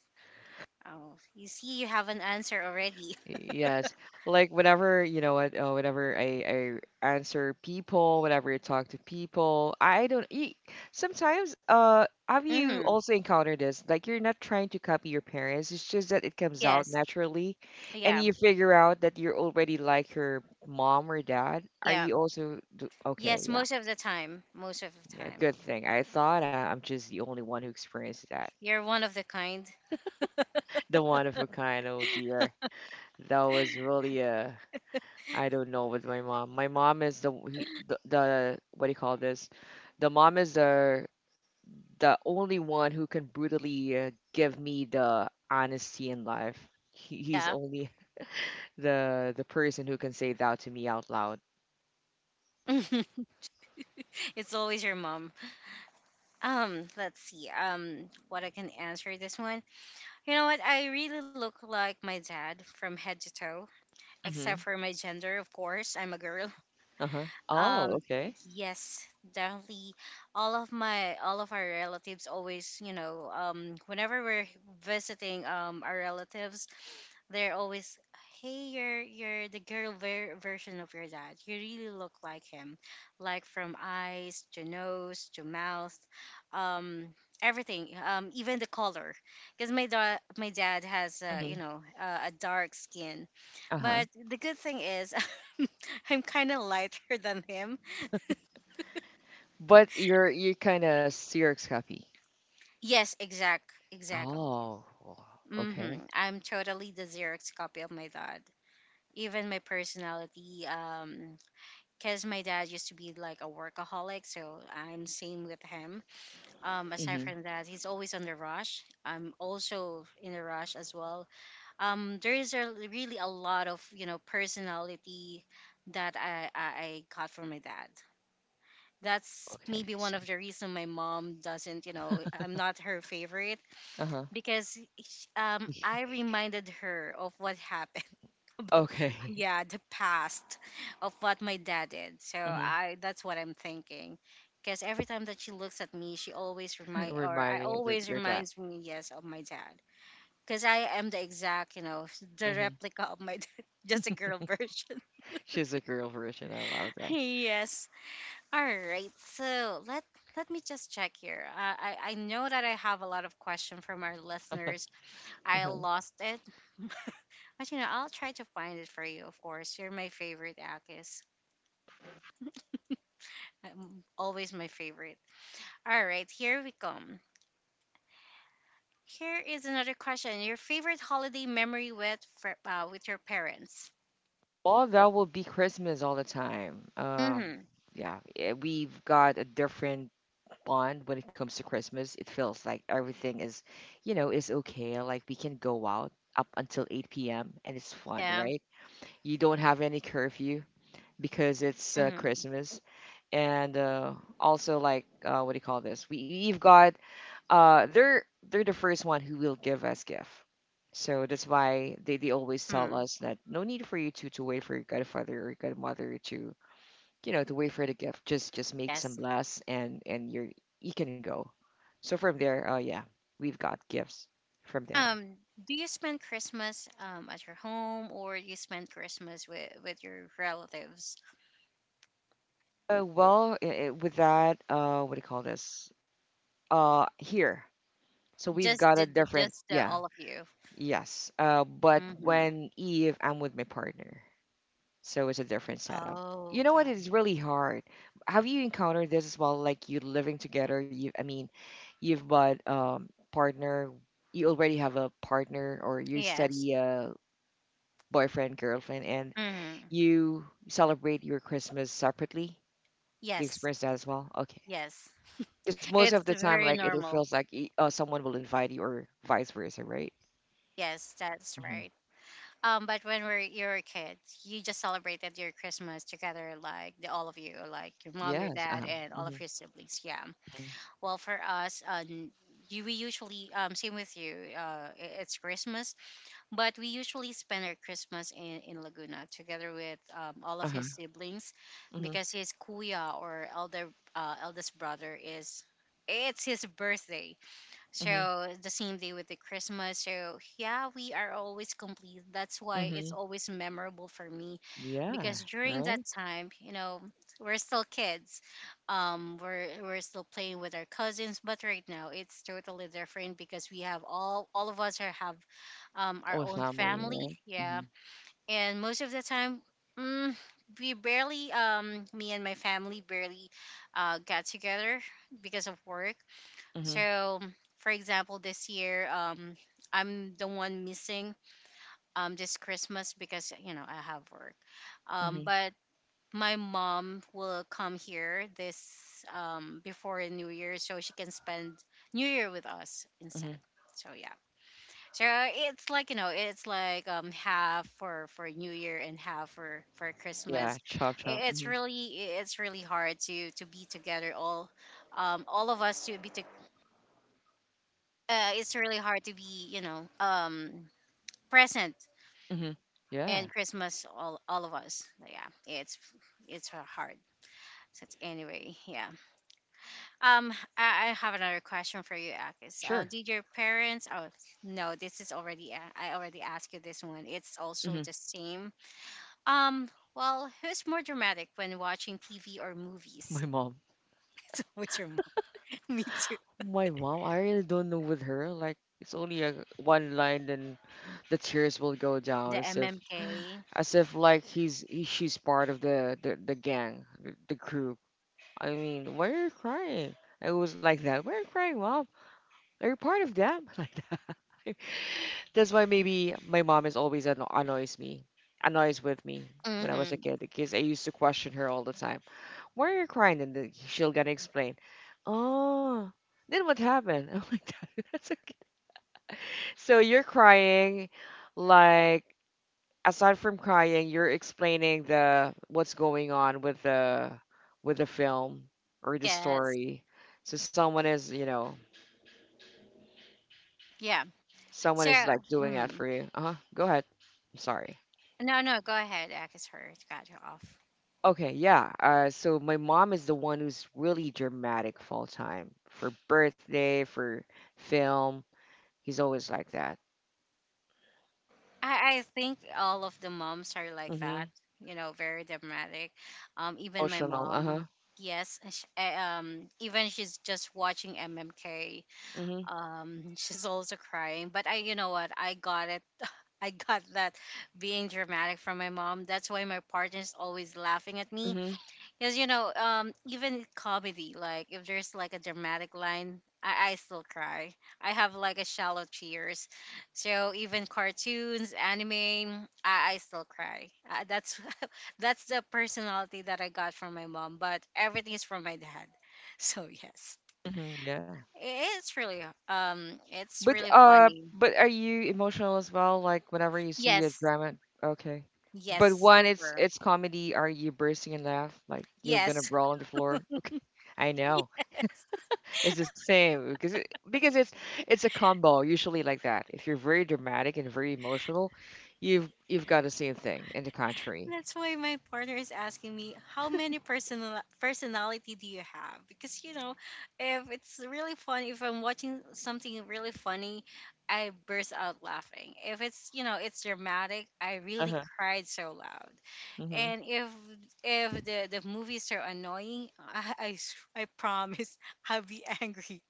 Oh, you see, you have an answer already.
Yes. Like whenever, you know what, uh, whenever I, I answer people, whenever I talk to people, I don't eat. Sometimes, uh, have you
Mm-hmm.
also encountered this? Like you're not trying to copy your parents, it's just that it comes out
Yes.
naturally and
Yeah.
you figure out that you're already like your mom or dad. Are
Yeah.
you also do-
Yes.
okay,
Most of the time. Most of the
yeah,
time.
good thing. I thought I, I'm just the only one who experienced that.
You're one of the kind.
The one of a kind, oh dear. That was really uh I don't know with my mom. My mom is the he, the, the what do you call this? The mom is the the only one who can brutally uh, give me the honesty in life. He, he's
Yeah.
only the the person who can say that to me out loud.
It's always your mom. Um, let's see. Um, what I can answer this one. You know what? I really look like my dad from head to toe, except
Mm-hmm.
for my gender, of course. I'm a girl.
Uh-huh. Oh,
Um,
okay.
yes, definitely. All of my all of our relatives always, you know, um, whenever we're visiting um our relatives, they're always, hey, you're you're the girl ver- version of your dad. You really look like him, like from eyes to nose to mouth, um, everything, um, even the color, because my dad my dad has uh,
Mm-hmm.
you know, uh, a dark skin.
Uh-huh.
But the good thing is, I'm kind of lighter than him.
But you're you're kind of serious happy.
Yes, exact exactly.
Oh, well,
Mm-hmm.
okay.
I'm totally the Xerox copy of my dad, even my personality, um, because my dad used to be like a workaholic, so I'm same with him. Um, aside
Hmm.
from that, he's always on the rush. I'm also in a rush as well. Um, there is a, really a lot of, you know, personality that I, I I got from my dad. That's
Okay.
maybe one
So,
of the reason my mom doesn't, you know, I'm not her favorite,
uh-huh.
because sh- um, I reminded her of what happened about
Okay.
yeah, the past of what my dad did. So
Hmm.
i that's what I'm thinking, because every time that she looks at me, she always remind or
Remind
I
me of the,
always
your dad.
reminds me, yes, of my dad, because I am the exact, you know, the
Hmm.
replica of my dad, just a girl version.
She's a girl version. I love that.
Yes. All right, so let let me just check here. Uh, i i know that I have a lot of question from our listeners. I
Uh-huh.
lost it, but you know, I'll try to find it for you. Of course, you're my favorite, Akis. I'm always my favorite. All right, here we come. Here is another question. Your favorite holiday memory with fr- uh, with your parents?
Well, that will be Christmas all the time. Um,
Mm-hmm.
yeah, eh, we've got a different bond when it comes to Christmas. It feels like everything is, you know, is okay. Like we can go out up until eight p m and it's fun,
Yeah.
right? You don't have any curfew, because it's uh,
Mm-hmm.
Christmas. And uh, also, like, uh, what do you call this? We, we've got, uh, they're, they're the first one who will give us gift. So that's why they, they always tell
Mm.
us that no need for you to, to wait for your godfather or your godmother to, you know, to wait for the gift. Just just make some
Yes.
bless and and you're you can go. So from there, uh, yeah, we've got gifts from there.
Um, do you spend Christmas um, at your home, or you spend Christmas with, with your relatives?
Uh, well, i i with that, uh, what do you call this? Uh, here. So we've
Just
got a
the, the-
different,
just the,
yeah.
all of you.
Yes, uh, but
Mm-hmm.
when if I'm with my partner, so it's a different setup. You
Oh,
know what?
okay.
It's really hard. Have you encountered this as well? Like you living together, you I mean, you've got um partner, you already have a partner, or you
Yes.
study a boyfriend, girlfriend, and
Mm-hmm.
you celebrate your Christmas separately. Do you
Yes.
experience that as well? Okay,
Yes.
because most
It's
of the time,
very
like it, it
normal.
feels like e- uh, someone will invite you, or vice versa, right?
Yes, that's
Hmm.
right. Um, but when we're you're a kid, you just celebrated your Christmas together, like the all of you, like your mom, your
Yes.
dad,
Uh-huh.
and all of your siblings. Yeah. Well, for us, um, you we usually um same with you. Uh, i- it's Christmas, but we usually spend our Christmas in in Laguna together with um all of his
Hmm.
siblings,
Mhm.
because his kuya or elder uh eldest brother is, it's his birthday,
Mhm.
so the same day with the Christmas. So yeah, we are always complete. That's why it's
Mhm.
always memorable for me,
Yeah.
because during that
Right.
time, you know, we're still kids. Um, we're we're still playing with our cousins. But right now, it's totally different because we have all all of us are have, um, our
Or
own
family.
family.
Right.
Yeah,
Mhm.
and most of the time, mm, we barely, um me and my family barely uh got together because of work.
Mhm.
So, for example, this year, um, I'm the one missing um this Christmas because you know I have work. Um,
Mhm.
but my mom will come here this um before New Year, so she can spend New Year with us instead.
Mhm.
So yeah, so it's like, you know, it's like um half for for New Year and half for for
Yeah.
Christmas.
Chop chop.
I- It's
Mhm.
really, it's really hard to to be together all um, all of us to be to, uh, it's really hard to be, you know, um, present
Mhm.
and
Yeah.
Christmas all all of us. Yeah, it's it's hard. So it's, anyway, yeah. Um, I, I have another question for you, Akis. Uh,
Sure.
did your parents? Oh no, this is already a- I already asked you this one. It's also
Mhm.
the same. Um, well, who's more dramatic when watching T V or movies?
My mom.
It's always your mom. Me too.
My mom. I really don't know with her. Like it's only a one line, then the tears will go down
The
as if
M M K.
as if like he's he, she's part of the the, the gang, the, the group. I mean, why are you crying? It was like that. Why are you crying, mom? Are you part of them? Like that. That's why maybe my mom is always anno- annoys me, annoys with me when I was a
Mm-hmm.
kid because I used to question her all the time. Why are you crying? And then she'll gonna explain. Oh, then what happened? I'm like that. That's okay. So you're crying, like aside from crying, you're explaining the what's going on with the with the film or the
Yes.
story. So someone is, you know,
Yeah.
someone
So.
is like doing that
Mm.
for you. Uh huh. Go ahead. I'm sorry.
No, no, go ahead. Akis hurt. Got you off.
Okay, yeah. Uh, so my mom is the one who's really dramatic full time for birthday, for film. He's always like that.
I, I think all of the moms are like that.
Mm-hmm.
You know, very dramatic. Um, even my
Emotional. Uh huh.
mom. Yes, and sh- eh, um, even she's just watching M M K.
Mm-hmm.
Um, she's also crying. But I, you know what? I got it. I got that being dramatic from my mom. That's why my partner's always laughing at me.
Mm-hmm.
Because you know, um, even comedy, like if there's like a dramatic line, I, I still cry. I have like a shallow tears. So even cartoons, anime, I, I still cry. Uh, that's that's the personality that I got from my mom, but everything is from my dad. So yes,
Mm-hmm. Yeah.
it's really um, it's
But
really
uh,
funny.
but are you emotional as well? Like whenever you see a
Yes,
drama, okay.
yes,
But one, it's
super.
it's comedy, are you bursting in laugh? Like you're gonna
Yes,
brawl on the floor? Okay, I know.
yes.
It's the same because it, because it's it's a combo usually like that. If you're very dramatic and very emotional, you've you've got the same thing in the contrary.
That's why my partner is asking me, how many personal personality do you have? Because you know, if it's really funny, if I'm watching something really funny, I burst out laughing. If it's, you know, it's dramatic, I really
Uh-huh.
cried so loud.
Hmm.
And if if the the movies are annoying, I I, s- I promise I'll be angry.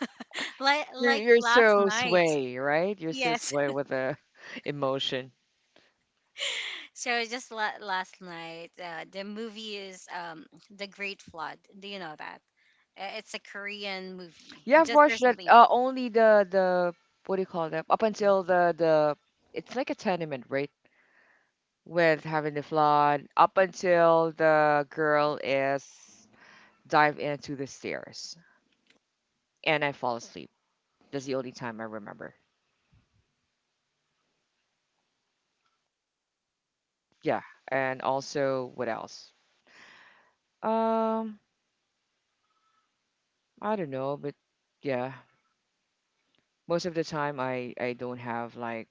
like
You're
like
you're
last
so
night.
sway, right? You're so
Yes.
sway with the emotion.
So just la- last night, uh, the movie is um, The Great Flood. Do you know that? Uh, It's a Korean movie.
Yeah, I've
Just
watched that.
recently.
Uh, only the the what do you call that? Up until the the It's like a tenement, right? With having the flood up until the girl is dive into the stairs and I fall asleep. That's the only time I remember. Yeah, and also what else? Um, I don't know, but yeah, most of the time I I don't have like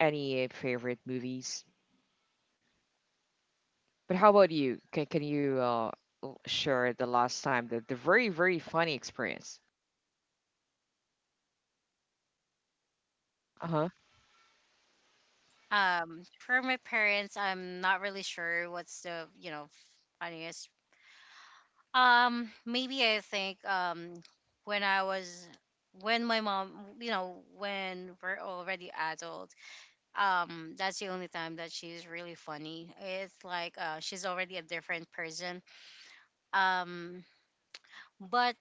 any favorite movies. But how about you? Can can you uh l- share the last time the the very very funny experience? Uh-huh.
Um, for my parents, I'm not really sure what's the you know funniest. Um, maybe I think um when I was when my mom, you know, when we're already adult, um, that's the only time that she's really funny. It's like uh she's already a different person, um, but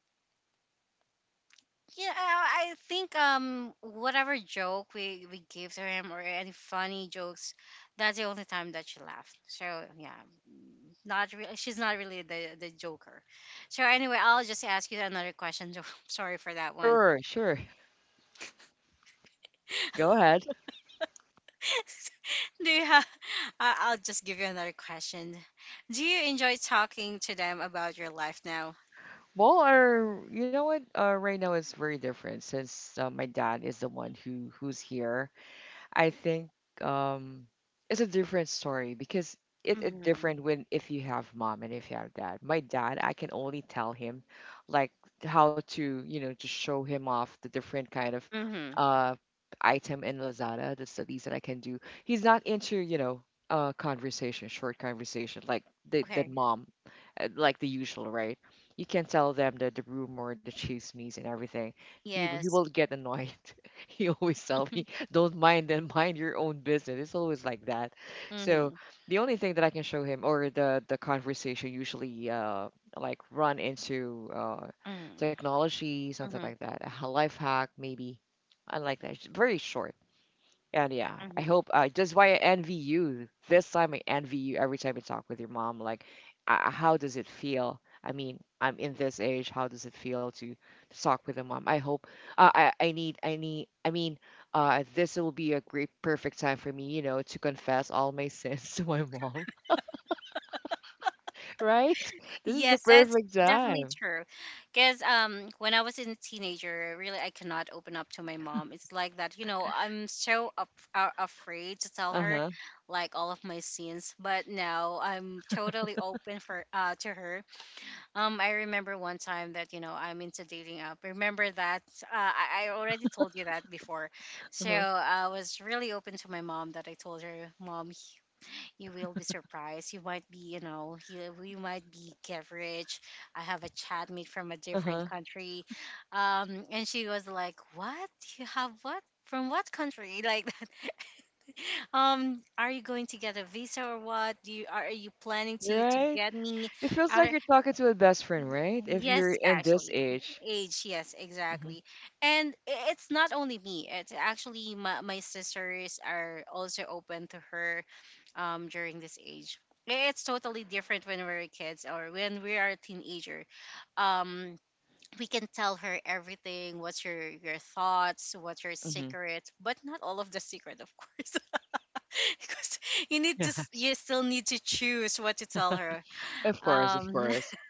yeah, I think um whatever joke we we gave to him or any funny jokes, that's the only time that she laughed. So yeah, mm, not really. She's not really the the joker. So anyway, I'll just ask you another question. Jo- Sorry for that one.
Sure, sure. Go ahead.
Do you have? I- I'll just give you another question. Do you enjoy talking to them about your life now?
Well, our you know what? Uh, right now it's very different since uh, my dad is the one who who's here, I think. um, it's a different story because it, it
Mm-hmm.
different when if you have mom and if you have dad. My dad, I can only tell him like how to you know to show him off the different kind of
Mm-hmm.
uh item in Lazada, the least that I can do. He's not into you know uh conversation, short conversation like the the
Okay.
mom, uh, like the usual, right? You can tell them the the rumor, the chismes, and everything. He will- he
Yes.
will get annoyed. He always tell me, "Don't mind them, mind your own business." It's always like that. So
Mm-hmm.
the only thing that I can show him, or the the conversation usually uh like run into uh
Mm-hmm.
technology, something like that, a h- life hack maybe. I like that. It's very short. And yeah, I
Mm-hmm.
hope uh, that's why I envy you. This time I envy you every time you talk with your mom. Like, uh, how does it feel? I mean, I'm in this age. How does it feel to, to talk with a mom? I hope. Uh, I I need I need. I mean, uh, this will be a great perfect time for me, you know, to confess all my sins to my mom. Right? This is the
Yes, that's
perfect
definitely
time.
true. Because um, when I was in a teenager, really, I cannot open up to my mom. It's like that, you know, I'm so af- uh, afraid to tell
Uh
her,
huh.
like, all of my sins. But now I'm totally open for uh, to her. Um, I remember one time that, you know, I'm into dating app. Remember that? Uh, I-, I already told you that before.
Uh
So
huh.
I was really open to my mom that I told her, Mom, you will be surprised. You might be, you know, you, you might be get, I have a chatmate from a
Uh
different
huh.
country, um, and she was like, "What? You have what? From what country?" Like that. Um, are you going to get a visa or what? Do you are, are you planning to to
Right?
get me?
It feels like
Are,
you're talking to a best friend, right? If you're
yes,
in this
actually.
age.
Age, yes,
Mm-hmm.
exactly. And i- it's not only me. It's actually my, my sisters are also open to her um during this age. I- It's totally different when we're kids or when we are a teenager. Um, we can tell her everything, what's your your thoughts, what's your
Mm-hmm.
secret, but not all of the secret, of course. Because you need to s- you still need to choose what to tell her.
Of course, of
Um,
course.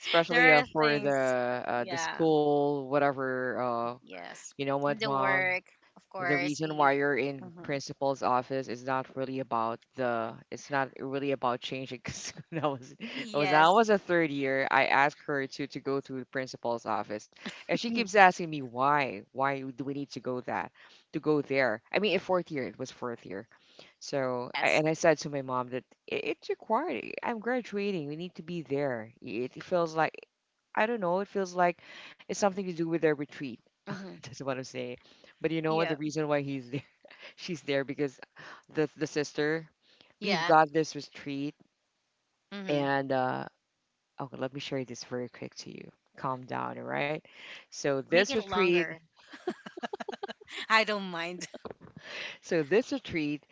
Especially
there
uh,
are
for the
things,
uh, the
yeah.
school, whatever. Uh,
Yes.
you know
And
what,
the
mom?
work, of
The
course,
reason why
we.
you're in
Hmm.
principal's office is not really about the. It's not really about changing. Because when I was, I was, I
Yes.
was a third year. I asked her to to go to the principal's office, and she keeps asking me why. Why do we need to go that? To go there? I mean, in fourth year, it was fourth year. So, I,
Yes.
and I said to my mom that it, it's required. I'm graduating. We need to be there. It, it feels like, I don't know, it feels like it's something to do with their retreat.
Hmm.
That's what I'm saying. But you know what? The
Yeah.
reason why he's there, she's there because the, the sister, we've
Yeah.
got this retreat.
Hmm.
And, uh, okay, let me share this very quick to you. Calm down, all right? So,
Make
this
it
retreat,
longer. I don't mind.
So this retreat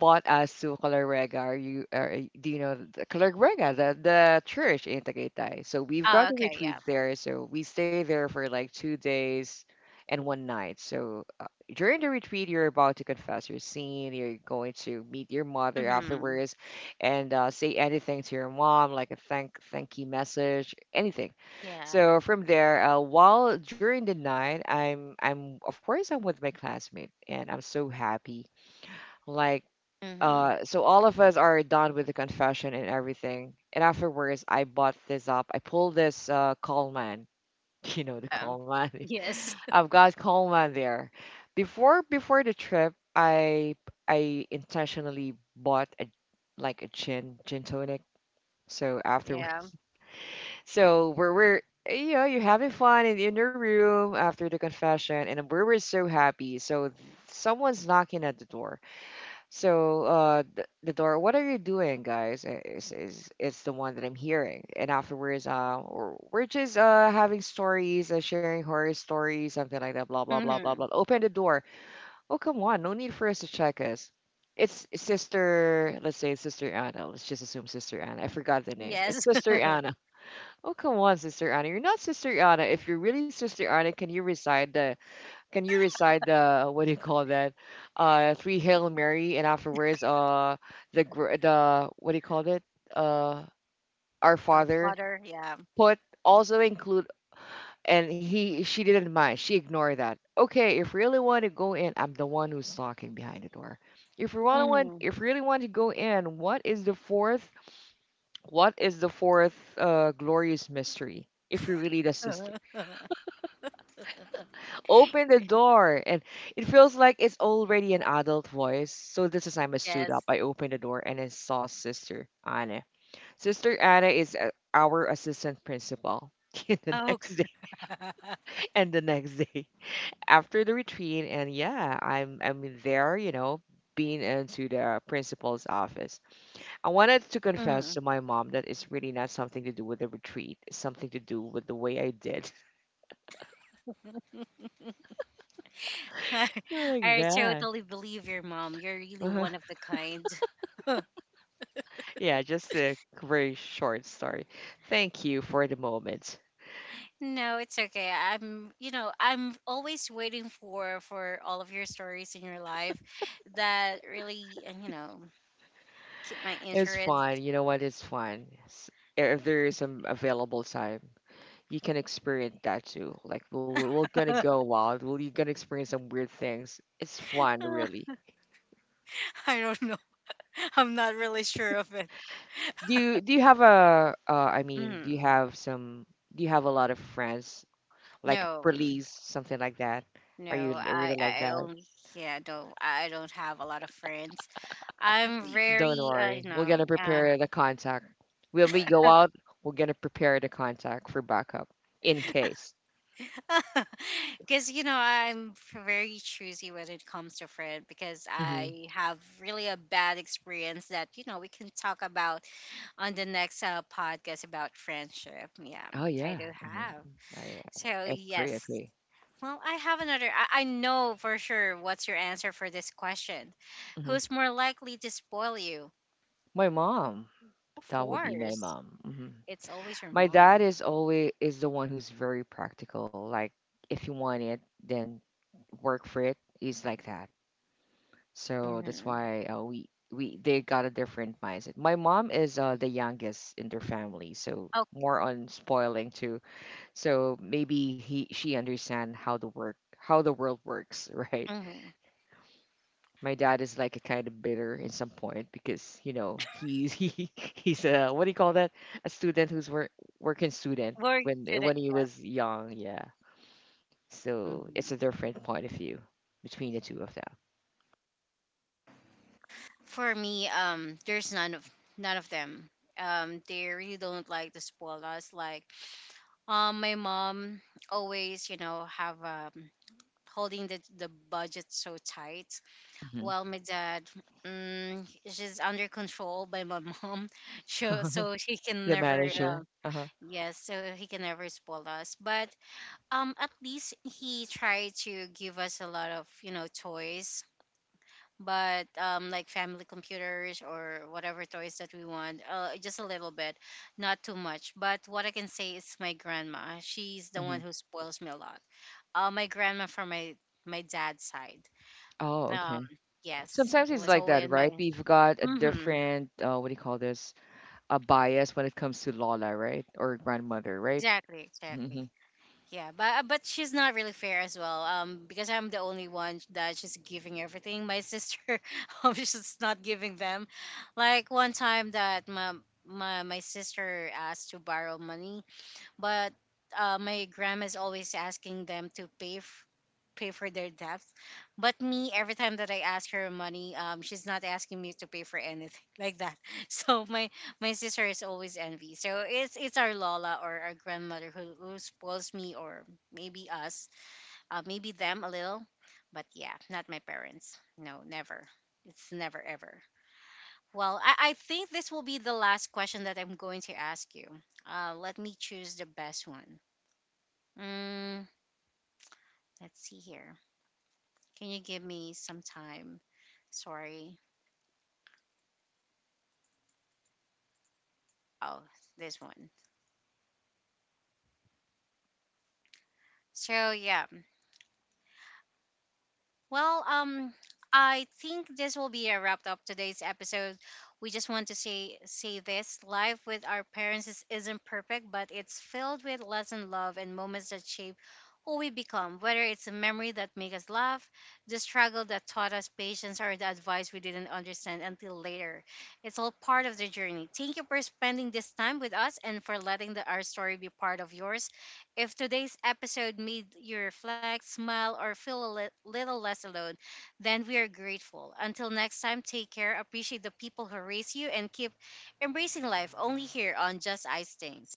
brought us to Calorega. you, are, do you know the Calorega, the, the church in Tagaytay? So we've
Oh,
got a
okay.
retreat
Yeah.
there. So we stay there for like two days and one night. So uh, during the retreat, you're about to confess your sin. You're going to meet your mother
Hmm.
afterwards, and uh, say anything to your mom, like a thank thank you message, anything.
Yeah.
So from there, uh, while during the night, I'm I'm of course I'm with my classmate, and I'm so happy like,
Hmm.
uh, so all of us are done with the confession and everything. And afterwards, I bought this up. I pulled this uh, Coleman, you know, the
Oh.
Coleman.
Yes.
I've got Coleman there. Before before the trip, I I intentionally bought a like a gin gin tonic. So
Yeah.
afterwards, so we're we're you know you're having fun in, in your room after the confession, and we were so happy. So someone's knocking at the door so, uh, the, the door, what are you doing, guys? Uh, Is is it's the one that I'm hearing. And afterwards, uh, we're we're just uh having stories, uh, sharing horror stories, something like that. Blah blah blah blah blah.
Hmm.
Open the door. Oh come on, no need for us to check us. It's sister. Let's say it's sister Anna. Let's just assume sister Anna. I forgot the name. It's
Yes.
sister Anna. Oh come on, sister Anna. You're not sister Anna. If you're really sister Anna, can you resign the can you recite the what do you call that? Uh, three Hail
Mhm.
Mary and afterwards uh the gr- the what do you call it? Uh, Our
Our
Father.
father. Yeah.
Put also include and he she didn't mind. She ignored that. Okay, if you really want to go in, I'm the one who's knocking behind the door. If you want to want
Hmm.
if you really want to go in, what is the fourth? What is the fourth uh glorious mystery? If you really the sister. Open the door and it feels like it's already an adult voice, so this is time I stood up,
Yes.
I opened the door and I saw sister Anna. Sister Anna is uh, our assistant principal. In the
Oh,
next day and the next day after the retreat, and yeah, i'm i'm there, you know, being into the principal's office. I wanted to confess
hmm.
to my mom that it's really not something to do with the retreat, it's something to do with the way I did
I,
like
I
that.
totally believe your mom. You're really one of the kind.
Yeah, just a very short story. Thank you for the moment.
No, it's okay. I'm, you know, I'm always waiting for for all of your stories in your life that really, uh, you know, keep my
It's
interest.
fun. You know what? It's fun. S- If there is some available time, you can experience that too. Like we're, we're gonna
I
go wild. We're gonna experience some weird things. It's fun, really.
don't know. I'm not really sure of it.
Do you do you have a? Uh, I mean, do you
Mm.
have some? Do you have a lot of friends like
No,
police,
mm,
something like that? Are you
no.
l-
I,
really like
I
that?
only, yeah, don't. I don't have a lot of friends. I'm
Don't
very, uh, you
worry. We're
know,
gonna
uh,
prepare the contact. When we go out, we're gonna prepare the contact for backup in case.
because, you know, I'm f- very choosy when it comes to friend because
Hmm.
I have really a bad experience that, you know, we can talk about on the next uh, podcast about friendship. Yeah,
Oh
I
yeah.
do
Hmm.
have.
I,
So,
I agree.
yes.
Agree.
Well, I have another. I, I know for sure what's your answer for this question.
Hmm.
Who's more likely to spoil you?
My mom.
Of
That will be my
course,
mom. Hmm.
it's always your
My dad
mom.
is always is the one who's very practical. Like if you want it, then work for it. He's like that. So that's
Hmm.
why uh, we we they got a different mindset. My mom is uh, the youngest in their family, so
Oh,
more on spoiling to so maybe he she understand how the work how the world works. Right,
hmm,
my dad is like a kind of bitter in some point because you know he's he he's a what do you call that, a student who's work, working student
we're
when when he was young, yeah. So it's a
students.
different point of view between the two of
For me, um, there's none of none of them. Um, they really don't like to spoil us. Like, um, my mom always, you know, have um holding the the budget so tight.
them. Mhm.
While my dad, mm, is just under control by my mom, so so he can
The
never, uh,
manager. Uh-huh.
yes, so he can never spoil us. But um, at least he tried to give us a lot of, you know, toys, but um, like family computers or whatever toys that we want, uh, just a little bit, not too much. But what I can say is my grandma. She's the
Hmm.
one who spoils me a lot. Uh, my grandma from my my dad's side.
Oh,
Um,
okay.
yes,
Sometimes it's
was
like
always
that,
my.
right? We've got a
Mm-hmm,
different uh, what do you call this, a bias when it comes to lola, right? Or grandmother, right?
exactly, exactly.
Mhm.
Yeah, but uh, but she's not really fair as well. Um, because I'm the only one that she's giving everything. My sister, um, she's not giving them.
Okay.
Like one time that my my my sister asked to borrow money, but uh, my grandma's always asking them to pay f- pay for their debts. But me, every time that I ask her money, um, she's not asking me to pay for anything like that. So my my sister is always envy. So it's it's our Lola or our grandmother who, who spoils me or maybe us, uh, maybe them a little, but yeah, not my parents. No, never. It's never ever. Well, I, I think this will be the last question that I'm going to ask you. Uh, let me choose the best one. Mm, let's see here. Can you give me some time? Sorry. Oh, this one. So yeah, well, um, I think this will be a wrap up today's episode. We just want to say say this: life with our parents is, isn't perfect, but it's filled with lesson, love, and moments that shape who we become. Whether it's a memory that make us laugh, the struggle that taught us patience, or the advice we didn't understand until later, it's all part of the journey. Thank you for spending this time with us and for letting the, our story be part of yours. If today's episode made you reflect, smile, or feel a li- little less alone, then we are grateful. Until next time, take care, appreciate the people who raise you, and keep embracing life only here on Just Ice Things.